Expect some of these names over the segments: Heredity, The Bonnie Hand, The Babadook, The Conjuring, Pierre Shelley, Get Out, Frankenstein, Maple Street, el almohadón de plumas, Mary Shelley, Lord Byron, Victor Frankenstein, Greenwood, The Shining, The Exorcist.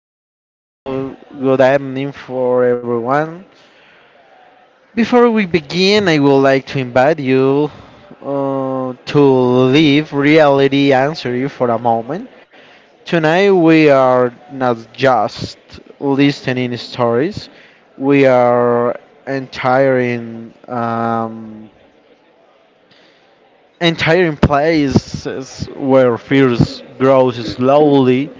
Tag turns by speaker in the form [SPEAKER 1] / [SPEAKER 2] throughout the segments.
[SPEAKER 1] Good,
[SPEAKER 2] Welcome back.
[SPEAKER 1] good, good evening for everyone. Before we begin, I would like to invite you to leave reality answer you for a moment. Tonight we are not just listening stories; we are entering entire places where fears grows slowly,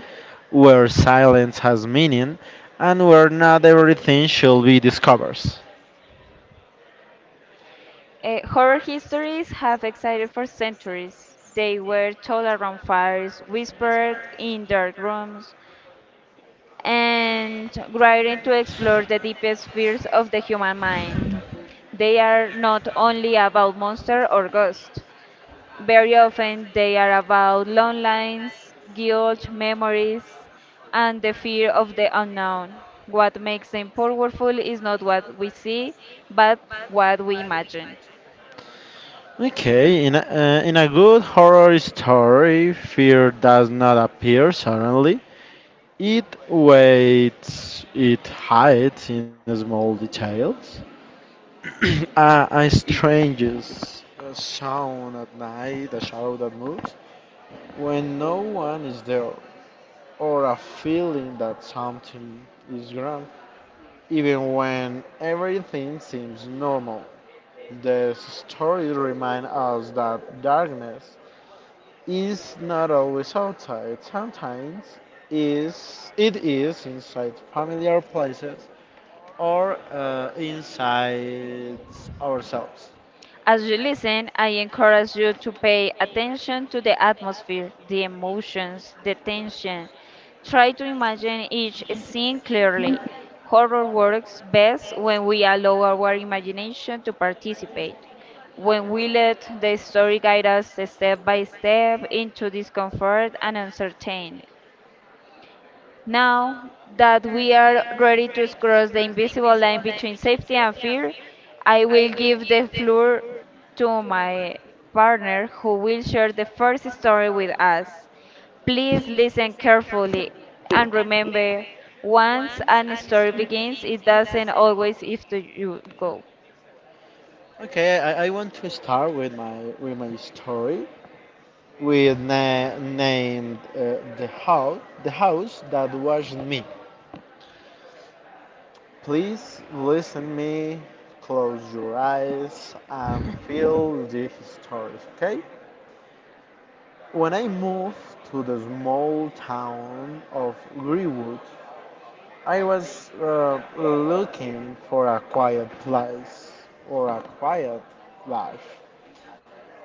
[SPEAKER 1] where silence has meaning, and where not everything shall be discovered.
[SPEAKER 2] Horror histories have existed for centuries. They were told around fires, whispered in dark rooms, and grind to explore the deepest fears of the human mind. They are not only about monsters or ghosts. Very often, they are about long lines, guilt, memories, and the fear of the unknown. What makes them powerful is not what we see, but what we imagine.
[SPEAKER 1] Okay, in a good horror story, fear does not appear suddenly. It waits, it hides in small details. A sound at night, a shadow that moves, when no one is there. Or a feeling that something is wrong, even when everything seems normal. The story reminds us that darkness is not always outside, sometimes is it is inside familiar places or inside ourselves.
[SPEAKER 2] As you listen, I encourage you to pay attention to the atmosphere, the emotions, the tension. Try to imagine each scene clearly. Horror works best when we allow our imagination to participate, when we let the story guide us step by step into discomfort and uncertainty. Now that we are ready to cross the invisible line between safety and fear, I will give the floor to my partner who will share the first story with us. Please listen carefully and remember once a story begins, it doesn't always have to you go.
[SPEAKER 1] Okay, I want to start with my story. We named the house that wasn't me. Please listen me, close your eyes and feel these stories, okay? When I moved to the small town of Greenwood, I was looking for a quiet place or a quiet life.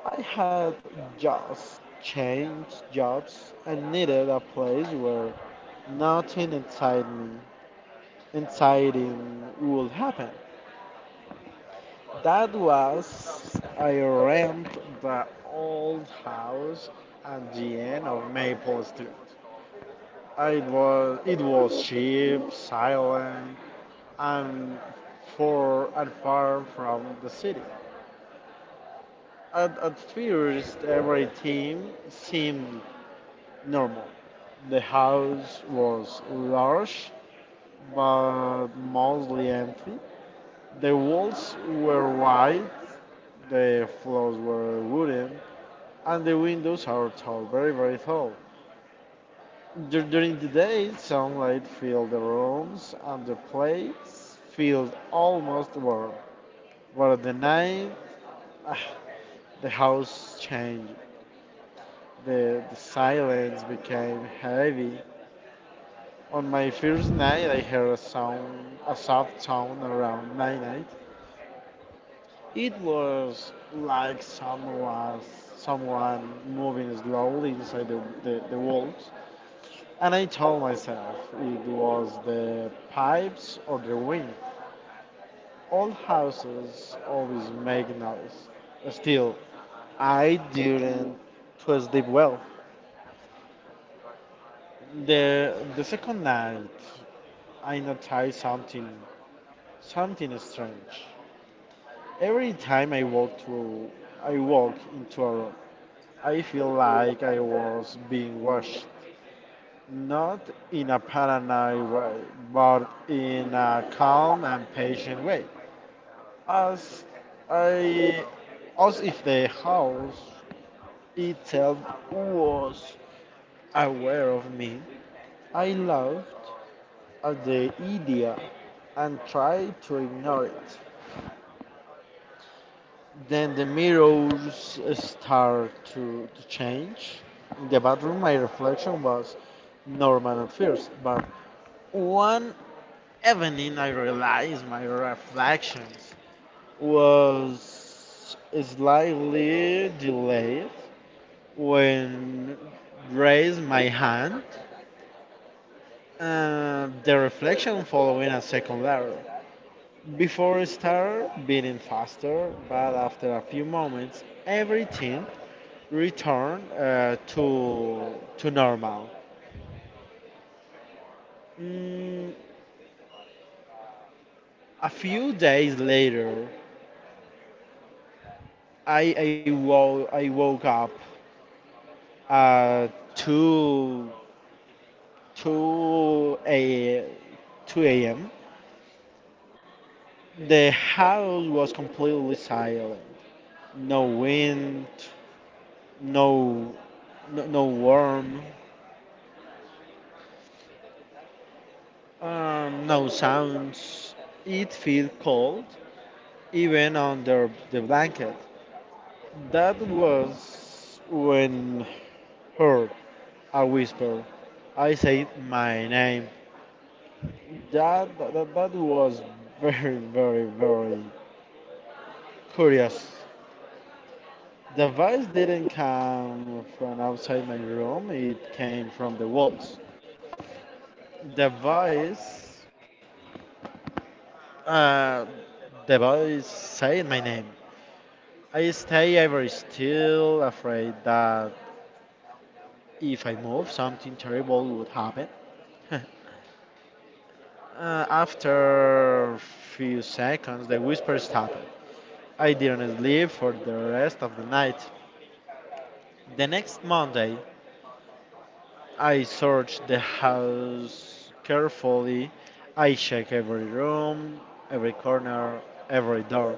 [SPEAKER 1] I had just changed jobs and needed a place where nothing inside exciting would happen. That was, I rent the old house at the end of Maple Street. It was cheap, silent, and far from the city. At first, everything seemed normal. The house was large but mostly empty. The walls were white, the floors were wooden, and the windows are tall, very, very tall. During the day, sunlight filled the rooms and the place felt almost warm. But at the night, ah, the house changed. The silence became heavy. On my first night, I heard a sound, a soft sound around midnight. It was like someone moving slowly inside the walls. And I told myself it was the pipes or the wind. All houses always make noise. Still, I didn't to sleep well. The second night, I noticed something strange. Every time I walk through, I walk into a room. I feel like I was being watched, not in a paranoid way, but in a calm and patient way, as I, as if the house itself was aware of me. I laughed at the idea and tried to ignore it. Then the mirrors start to change. In the bathroom, my reflection was normal at first, but one evening I realized my reflections was slightly delayed when raised my hand and the reflection following a second letter. Before it started beating faster, but after a few moments, everything return to normal. Mm, a few days later, I woke up at 2 2 a 2 a.m. The house was completely silent. No wind, no no warm, no sounds. It felt cold, even under the blanket. That was when heard a whisper. I said my name. That was very curious. The voice didn't come from outside my room, it came from the walls. The voice, uh, the voice said my name. I stay very still, afraid that if I move, something terrible would happen. After few seconds, the whisper stopped. I didn't sleep for the rest of the night. The next Monday, I searched the house carefully. I checked every room, every corner, every door.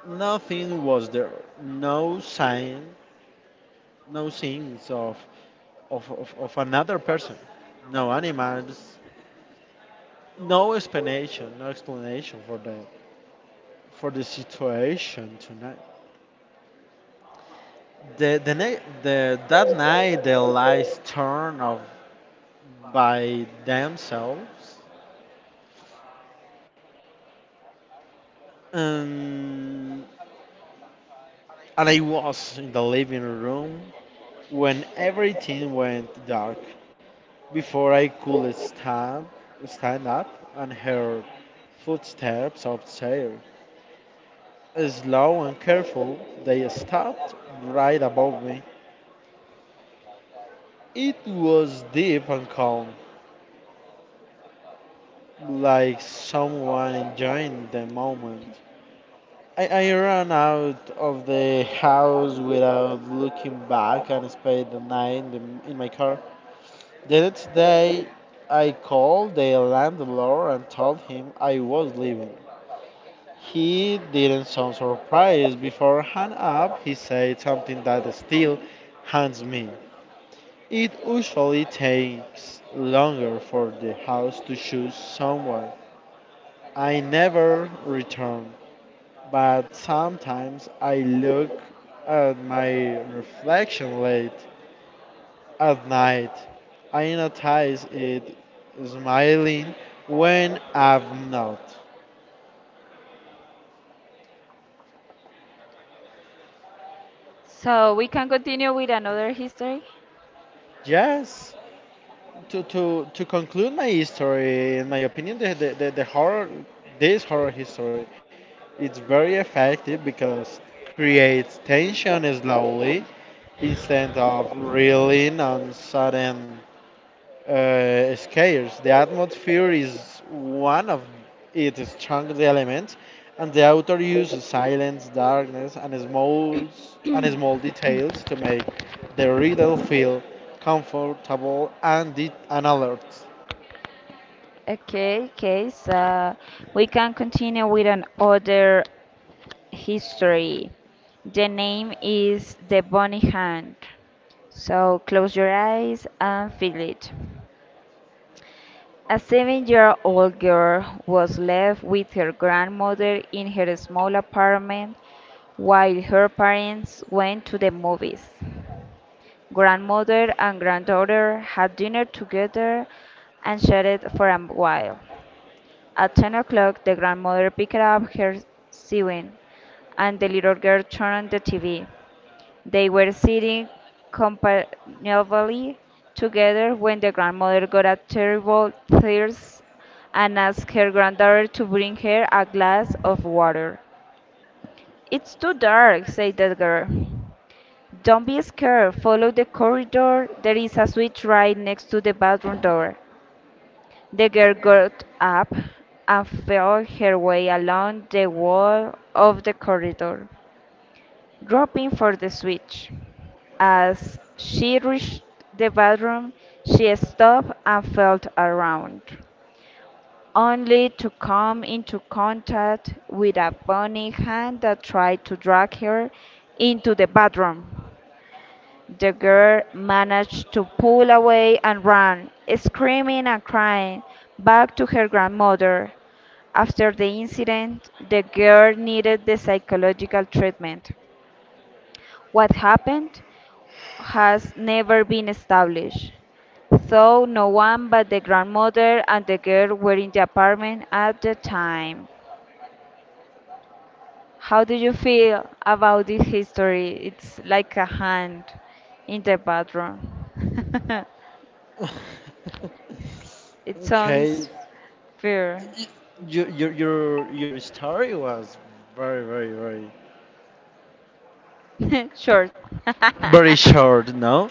[SPEAKER 1] Nothing was there. No sign, no signs of another person. No animals, no explanation for that, for the situation tonight. The that night the lights turned off by themselves. Um, and I was in the living room when everything went dark. Before I could stand up and heard footsteps upstairs. Slow and careful, they stopped right above me. It was deep and calm, like someone enjoying the moment. I ran out of the house without looking back and spent the night in my car. The next day, I called the landlord and told him I was leaving. He didn't sound surprised. Before hang up, he said something that still haunts me. It usually takes longer for the house to choose someone. I never returned, but sometimes I look at my reflection late at night. I notice it smiling when I'm not.
[SPEAKER 2] So we can continue with another history.
[SPEAKER 1] Yes, to conclude my story, in my opinion, this horror history, it's very effective because creates tension slowly instead of reeling on sudden scarce. The atmosphere is one of its strongest elements, and the author uses silence, darkness, and small details to make the reader feel comfortable and alert.
[SPEAKER 2] Okay, okay, so we can continue with another history. The name is the Bonnie Hand. So close your eyes and feel it. A 7-year old girl was left with her grandmother in her small apartment while her parents went to the movies. Grandmother and granddaughter had dinner together and chatted for a while. At 10 o'clock, the grandmother picked up her sewing and the little girl turned on the TV. They were sitting companionably together when the grandmother got a terrible thirst and asked her granddaughter to bring her a glass of water. It's too dark, said the girl. Don't be scared. Follow the corridor. There is a switch right next to the bathroom door. The girl got up and felt her way along the wall of the corridor. Dropping for the switch. As she reached the bathroom, she stopped and felt around, only to come into contact with a bony hand that tried to drag her into the bathroom. The girl managed to pull away and ran, screaming and crying, back to her grandmother. After the incident, the girl needed the psychological treatment. What happened has never been established, though no one but the grandmother and the girl were in the apartment at the time. How do you feel about this history? It's like a hand in the bathroom. It
[SPEAKER 1] Okay,
[SPEAKER 2] sounds fair,
[SPEAKER 1] your story was very very very
[SPEAKER 2] short.
[SPEAKER 1] very short, no?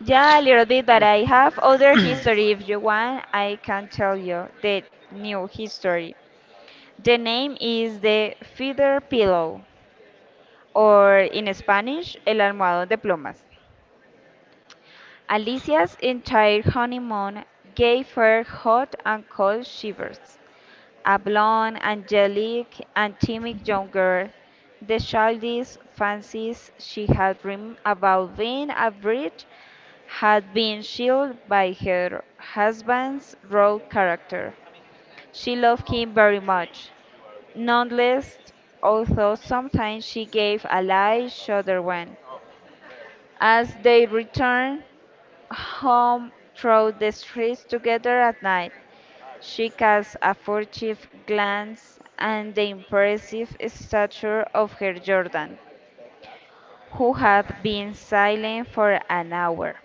[SPEAKER 2] Yeah, a little bit, but I have other history. If you want, I can tell you the new history. The name is the feather pillow, or in Spanish, el almohadón de plumas. Alicia's entire honeymoon gave her hot and cold shivers. A blonde, angelic, and timid young girl, the childish fancies she had dreamed about being a bride had been chilled by her husband's raw character. She loved him very much, nonetheless, although sometimes she gave a light shudder when, as they return home through the streets together at night. She casts a furtive glance at the impressive stature of her Jordan, who had been silent for an hour.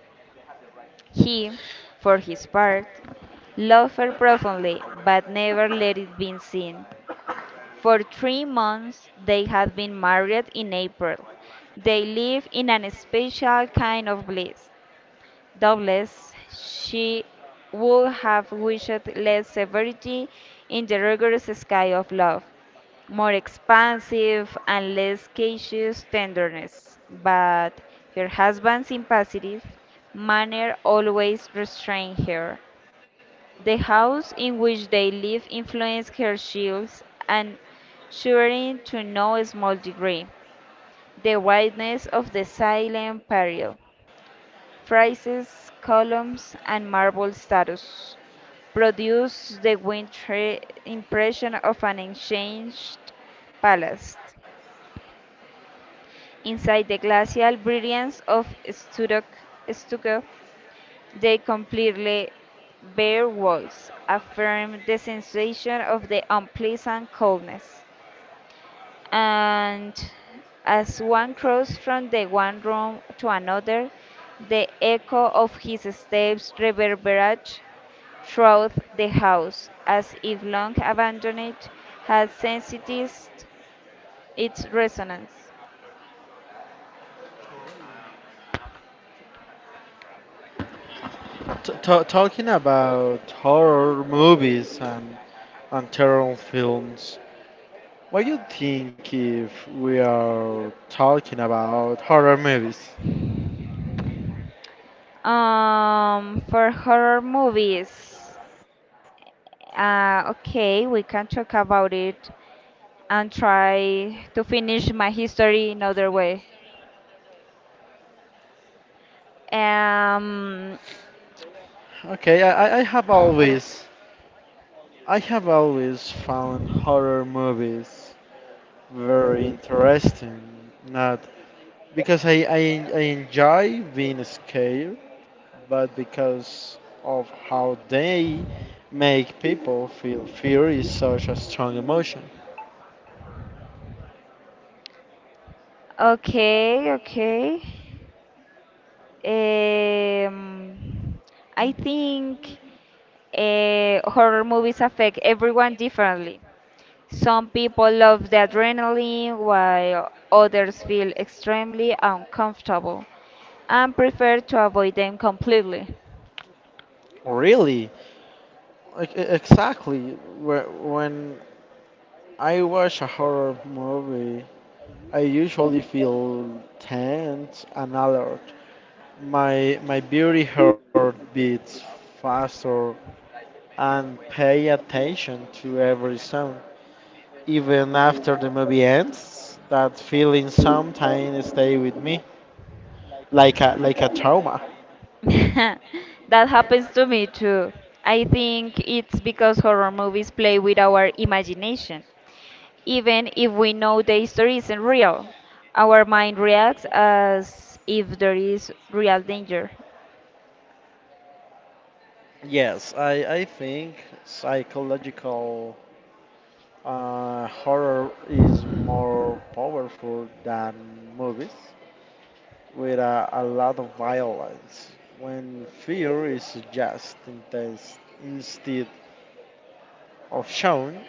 [SPEAKER 2] He, for his part, loved her profoundly, but never let it be seen. For 3 months they had been married in April. They live in an special kind of bliss. Doubtless, she would have wished less severity in the rigorous sky of love, more expansive and less cautious tenderness, but her husband's impassive manner always restrained her. The house in which they live influenced her shields and shivering to no small degree. The whiteness of the silent peril, friezes, columns, and marble statues produce the wintry impression of an ancient palace. Inside the glacial brilliance of stucco, the completely bare walls affirm the sensation of the unpleasant coldness. And as one crossed from the one room to another, the echo of his steps reverberated throughout the house, as if long abandoned had sensitized its resonance.
[SPEAKER 1] Talking about horror movies and terror films, what do you think if we are talking about horror movies?
[SPEAKER 2] For horror movies, okay, we can talk about it and try to finish my history another way. Um,
[SPEAKER 1] Okay, I have always found horror movies very interesting. Not because I enjoy being scared, but because of how they make people feel fear is such a strong emotion.
[SPEAKER 2] Okay, okay. Um, I think horror movies affect everyone differently. Some people love the adrenaline, while others feel extremely uncomfortable and prefer to avoid them completely.
[SPEAKER 1] Really? Like, exactly. When I watch a horror movie, I usually feel tense and alert. My beauty heart beats faster and pay attention to every sound. Even after the movie ends, that feeling sometimes stay with me, like a trauma.
[SPEAKER 2] That happens to me too. I think it's because horror movies play with our imagination. Even if we know the history isn't real, our mind reacts as if there is real danger.
[SPEAKER 1] Yes, I think psychological horror is more powerful than movies with a lot of violence. When fear is just intense instead of shown,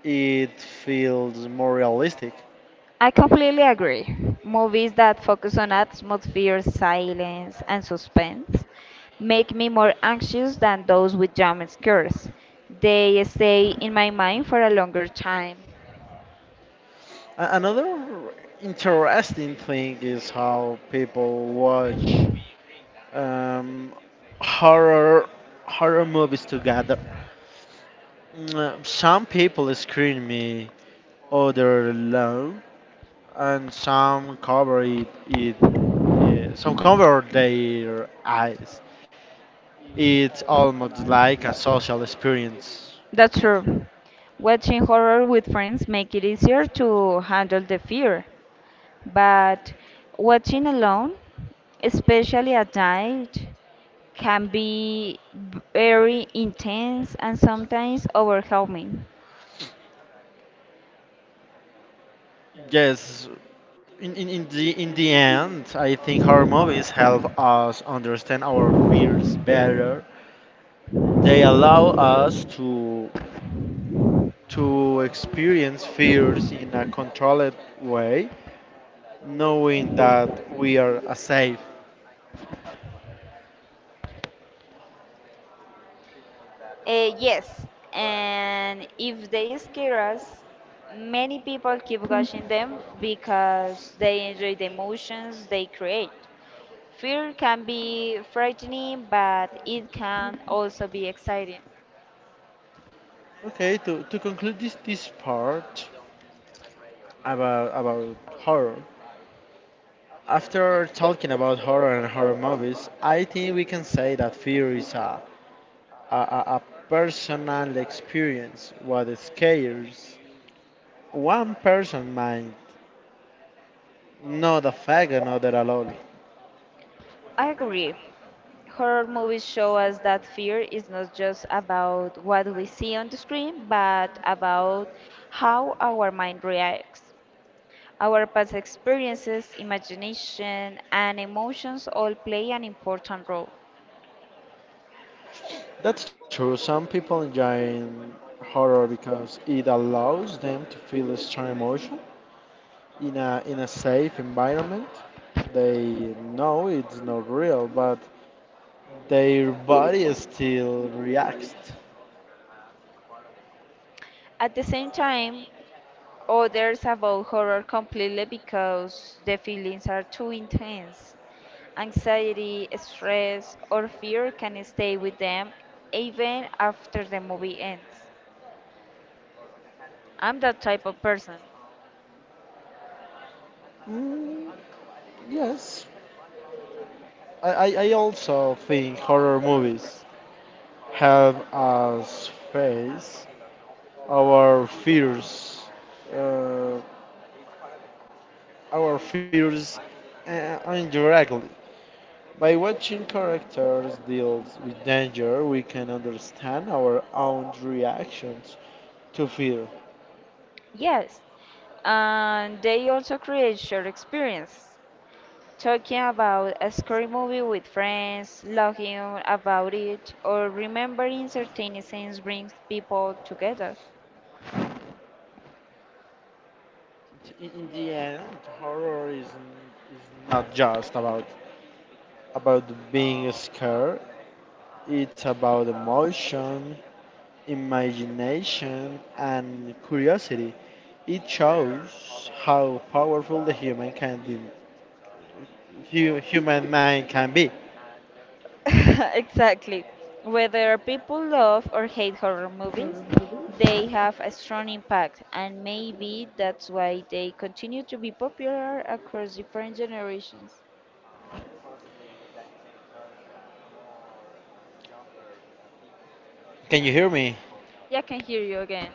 [SPEAKER 1] it feels more realistic.
[SPEAKER 2] I completely agree. Movies that focus on atmosphere, silence, and suspense make me more anxious than those with jump scares. They stay in my mind for a longer time.
[SPEAKER 1] Another interesting thing is how people watch um, horror horror movies together. Some people scream me other low, and some cover their eyes. It's almost like a social experience.
[SPEAKER 2] That's true. Watching horror with friends make it easier to handle the fear, but watching alone, especially at night, can be very intense and sometimes overwhelming.
[SPEAKER 1] Yes, in the end, I think horror movies help us understand our fears better. They allow us to experience fears in a controlled way, knowing that we are safe.
[SPEAKER 2] Yes, and if they scare us, many people keep watching them because they enjoy the emotions they create. Fear can be frightening, but it can also be exciting.
[SPEAKER 1] Okay, to conclude this part about horror. After talking about horror and horror movies, I think we can say that fear is a, a, a personal experience. What scares one person might not affect another at all.
[SPEAKER 2] I agree. Horror movies show us that fear is not just about what we see on the screen, but about how our mind reacts. Our past experiences, imagination, and emotions all play an important role.
[SPEAKER 1] That's true. Some people enjoy horror because it allows them to feel a strong emotion in a safe environment. They know it's not real, but their body still reacts.
[SPEAKER 2] At the same time, others avoid horror completely because the feelings are too intense. Anxiety, stress, or fear can stay with them even after the movie ends. I'm that type of person.
[SPEAKER 1] Mm, yes, I also think horror movies help us face our fears, uh, our fears indirectly. By watching characters deal with danger, we can understand our own reactions to fear.
[SPEAKER 2] Yes, and they also create shared experience. Talking about a scary movie with friends, laughing about it, or remembering certain scenes brings people together.
[SPEAKER 1] In the end, horror is, not just about being scared. It's about emotion, imagination, and curiosity. It shows how powerful the human can be, hu- human mind can be.
[SPEAKER 2] Exactly. Whether people love or hate horror movies, they have a strong impact, and maybe that's why they continue to be popular across different generations.
[SPEAKER 1] Can you hear me?
[SPEAKER 2] Yeah, I can hear you again.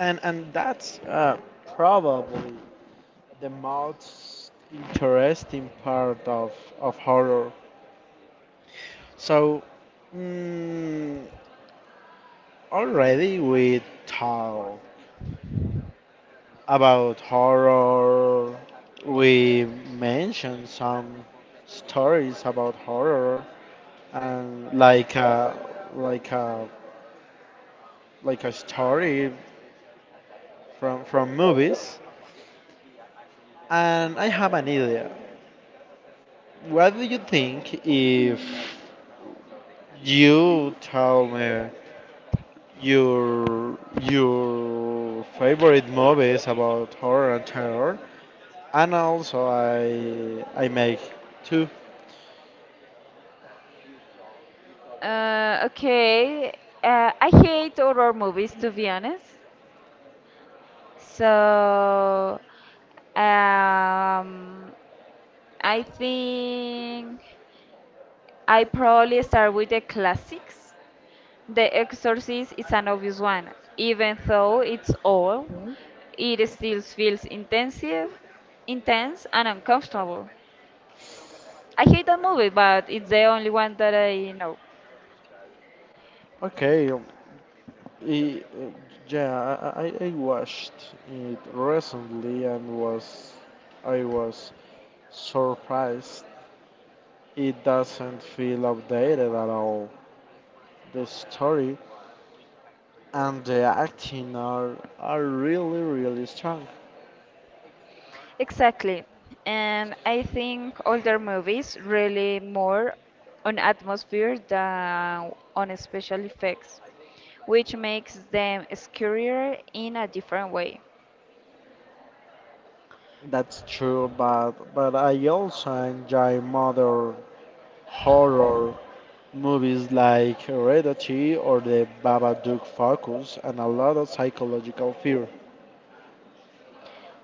[SPEAKER 1] And that's probably the most interesting part of horror. So, mm, already we talked about horror. We mentioned some stories about horror, and like a like a story from movies. And I have an idea. What do you think if you tell me your your favorite movies about horror and terror, and also I make two.
[SPEAKER 2] Okay, I hate horror movies to be honest. So, um, I think I probably start with the classics. The Exorcist is an obvious one. Even though it's old, it still feels intense and uncomfortable. I hate that movie, but it's the only one that I know.
[SPEAKER 1] Okay, Y- uh, yeah, I watched it recently and was I was surprised. It doesn't feel outdated at all. The story and the acting are really strong.
[SPEAKER 2] Exactly. And I think older movies really more on atmosphere than on special effects, which makes them scarier in a different way.
[SPEAKER 1] That's true, but I also enjoy modern horror movies like Heredity or The Babadook Focus and a lot of psychological fear.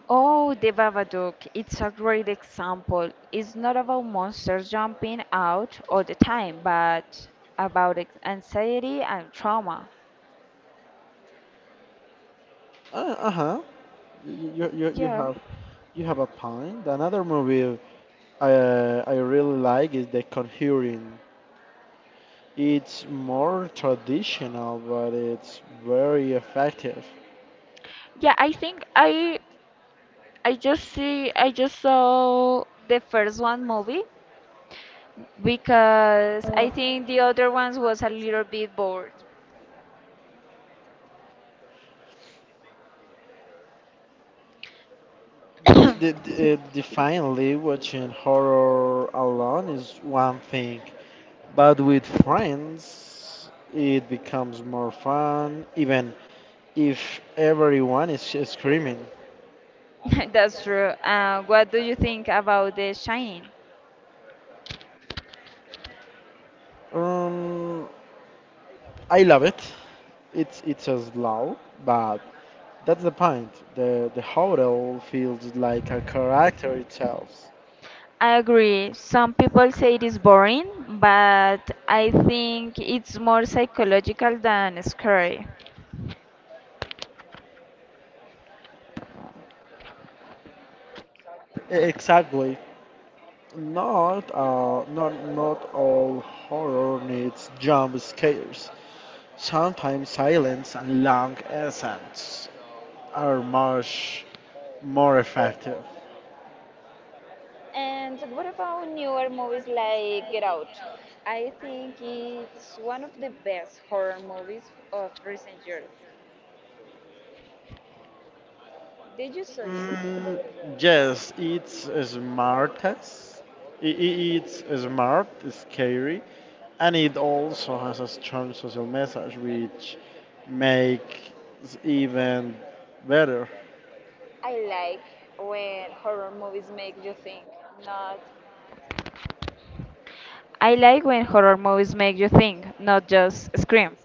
[SPEAKER 2] Oh, the Babadook. It's a great example. It's not about monsters jumping out all the time, but about anxiety and trauma.
[SPEAKER 1] Uh-huh. You, you, you
[SPEAKER 2] Yeah.
[SPEAKER 1] have you have a point. Another movie I really like is The Conjuring. It's more traditional, but it's very effective.
[SPEAKER 2] Yeah, I think I just saw the first one movie because I think the other ones was a little bit bored. So
[SPEAKER 1] Definitely watching horror alone is one thing, but with friends it becomes more fun, even if everyone is screaming.
[SPEAKER 2] that's true. What do you think about The Shining?
[SPEAKER 1] Um, I love it. It's a slow, but that's the point. The hotel feels like a character itself.
[SPEAKER 2] I agree. Some people say it is boring, but I think it's more psychological than scary.
[SPEAKER 1] Exactly. Not all horror needs jump scares. Sometimes silence and long essence are much more effective.
[SPEAKER 2] And what about newer movies like Get Out? I think it's one of the best horror movies of recent years. Did you saw it?
[SPEAKER 1] Mm, yes, it's smart. As- I- It's smart, scary, and it also has a strong social message, which makes even better.
[SPEAKER 2] I like when horror movies make you think, not I like when horror movies make you think, not just scream.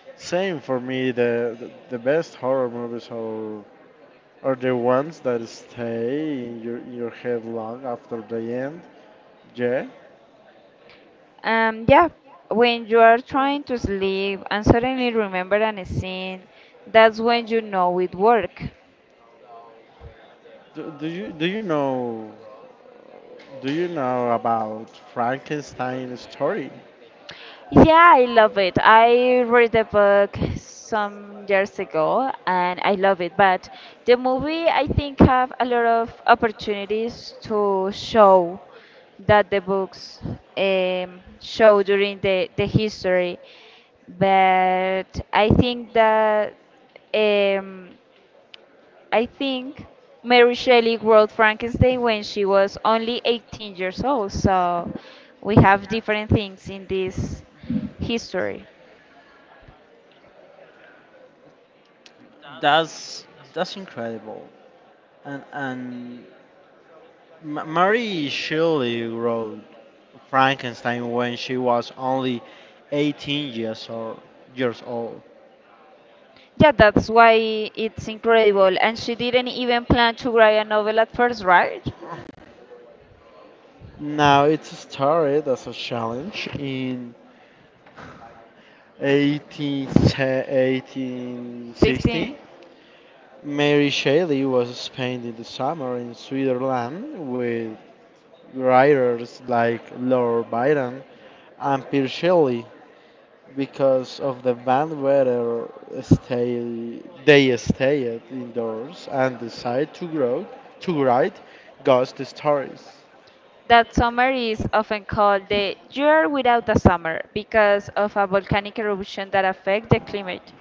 [SPEAKER 1] Same for me. The best horror movies are the ones that stay in your head long after the end. Yeah.
[SPEAKER 2] Yeah, when you are trying to sleep and suddenly remember an scene, that's when you know it worked.
[SPEAKER 1] Do, do you do you know? Do you know about Frankenstein's story?
[SPEAKER 2] Yeah, I love it. I read the book some years ago and I love it, but the movie I think have a lot of opportunities to show that the books show during the history. But I think that um, I think Mary Shelley wrote Frankenstein when she was only 18 years old, so we have different things in this history.
[SPEAKER 1] That's that's incredible. And Mary Shelley wrote Frankenstein when she was only 18 years old.
[SPEAKER 2] Yeah, that's why it's incredible. And she didn't even plan to write a novel at first, right?
[SPEAKER 1] Now it started as a challenge in 181860.
[SPEAKER 2] 16.
[SPEAKER 1] Mary Shelley was spending the summer in Switzerland with writers like Lord Byron and Pierre Shelley because of the bad weather stay they stayed indoors and decided to write ghost stories.
[SPEAKER 2] That summer is often called the year without a summer because of a volcanic eruption that affects the climate.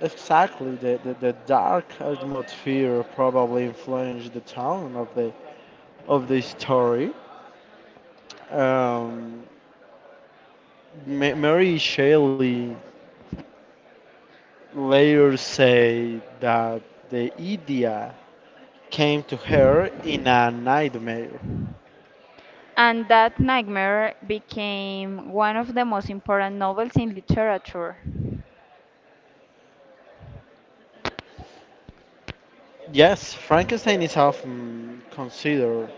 [SPEAKER 1] Exactly the dark atmosphere probably influenced the tone of the story. Um, Mary Shelley later said that the idea came to her in a nightmare.
[SPEAKER 2] And that nightmare became one of the most important novels in literature.
[SPEAKER 1] Yes, Frankenstein is often considered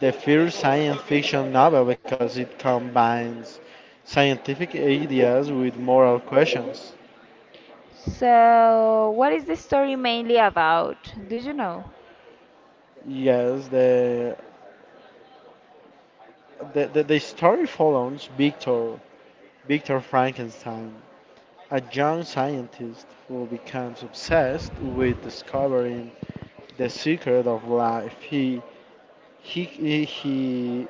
[SPEAKER 1] the first science fiction novel because it combines scientific ideas with moral questions.
[SPEAKER 2] So, what is the story mainly about? Do you know?
[SPEAKER 1] Yes, the story follows Victor Frankenstein, a young scientist who becomes obsessed with discovering the secret of life. He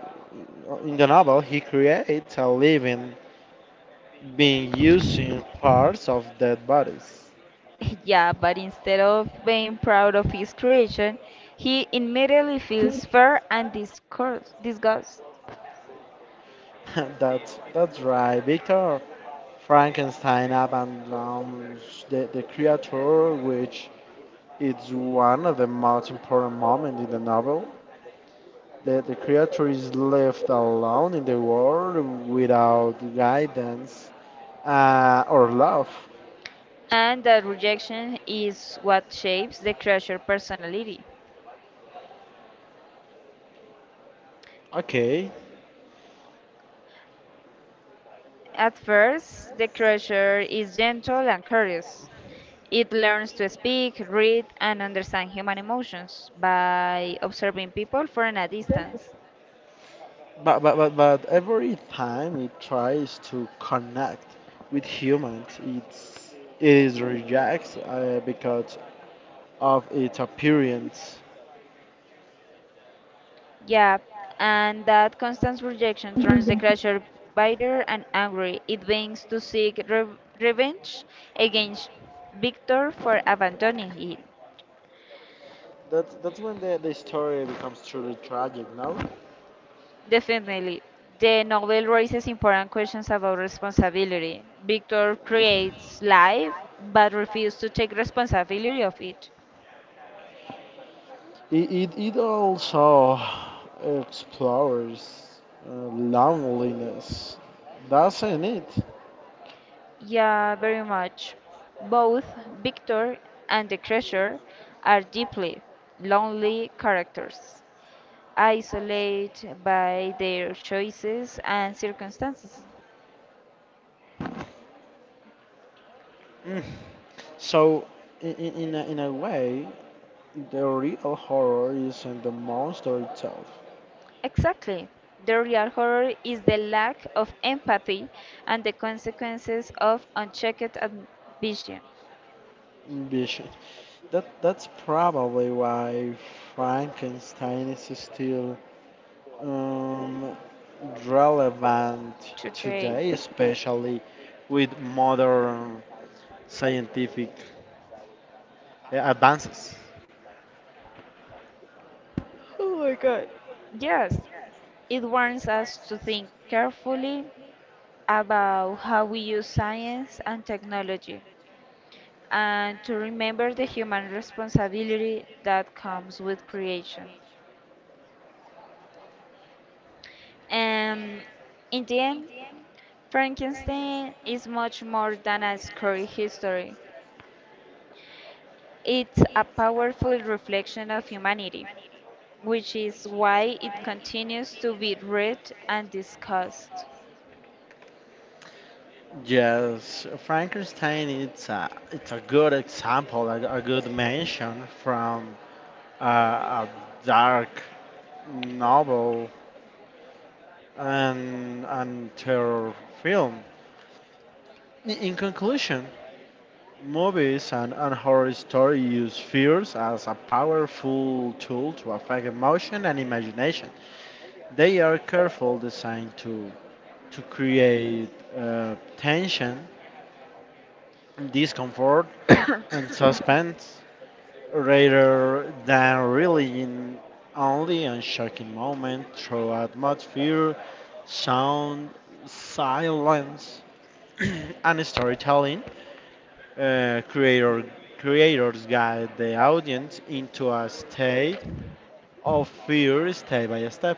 [SPEAKER 1] in the novel he creates a living being using parts of dead bodies.
[SPEAKER 2] Yeah, but instead of being proud of his creation, he immediately feels fear and disgust.
[SPEAKER 1] That's right, Victor Frankenstein abandons the creature, which is one of the most important moments in the novel. The creature is left alone in the world without guidance or love.
[SPEAKER 2] And that rejection is what shapes the creature personality.
[SPEAKER 1] Okay,
[SPEAKER 2] At first, the creature is gentle and curious. It learns to speak, read, and understand human emotions by observing people from a distance.
[SPEAKER 1] but every time it tries to connect with humans, it is rejects because of its appearance.
[SPEAKER 2] Yeah, and that constant rejection turns the crusher bitter and angry. It begins to seek revenge against Victor for abandoning him.
[SPEAKER 1] That's when the story becomes truly tragic, no?
[SPEAKER 2] Definitely, the novel raises important questions about responsibility. Victor creates life but refuses to take responsibility of it.
[SPEAKER 1] It also explores loneliness, doesn't it?
[SPEAKER 2] Yeah, very much. Both Victor and the Crusher are deeply lonely characters, isolate by their choices and circumstances.
[SPEAKER 1] Mm. So, in a way, the real horror isn't the monster itself.
[SPEAKER 2] Exactly. The real horror is the lack of empathy and the consequences of unchecked ambition.
[SPEAKER 1] Ambition. That's probably why Frankenstein is still um, relevant
[SPEAKER 2] Today,
[SPEAKER 1] today, especially with modern scientific advances.
[SPEAKER 2] oh yes, it warns us to think carefully about how we use science and technology and to remember the human responsibility that comes with creation. And in the end, Frankenstein is much more than a scary history. It's a powerful reflection of humanity, which is why it continues to be read and discussed.
[SPEAKER 1] Yes, Frankenstein it's a good example, a good mention from a dark novel and terror film. In conclusion, movies and horror stories use fears as a powerful tool to affect emotion and imagination. They are careful designed to create tension, discomfort, and suspense rather than really in only on shocking moment through atmosphere, sound, silence, and storytelling. uh, creator, Creators guide the audience into a state of fear step by step.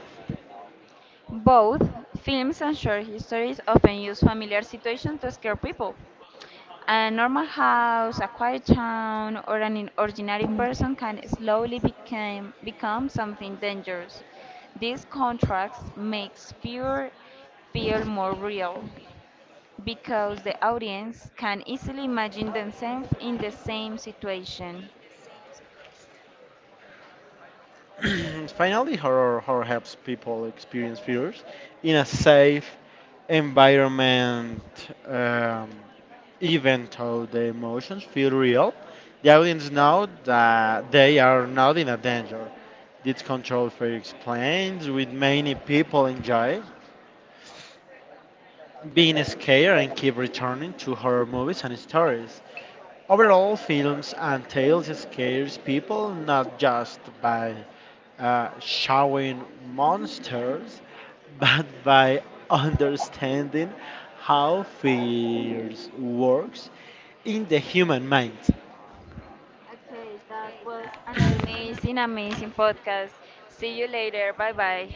[SPEAKER 2] Both films and short histories often use familiar situations to scare people. A normal house, a quiet town, or an ordinary person can slowly become something dangerous. These contrasts makes fear feel more real because the audience can easily imagine themselves in the same situation.
[SPEAKER 1] Finally, horror helps people experience fears in a safe environment. Even though the emotions feel real, the audience know that they are not in a danger. This control fair explains with many people enjoy being scared and keep returning to horror movies and stories. Overall, films and tales scares people not just by showing monsters, but by understanding how fear works in the human mind.
[SPEAKER 2] Okay, that was an amazing, amazing podcast. See you later. Bye bye.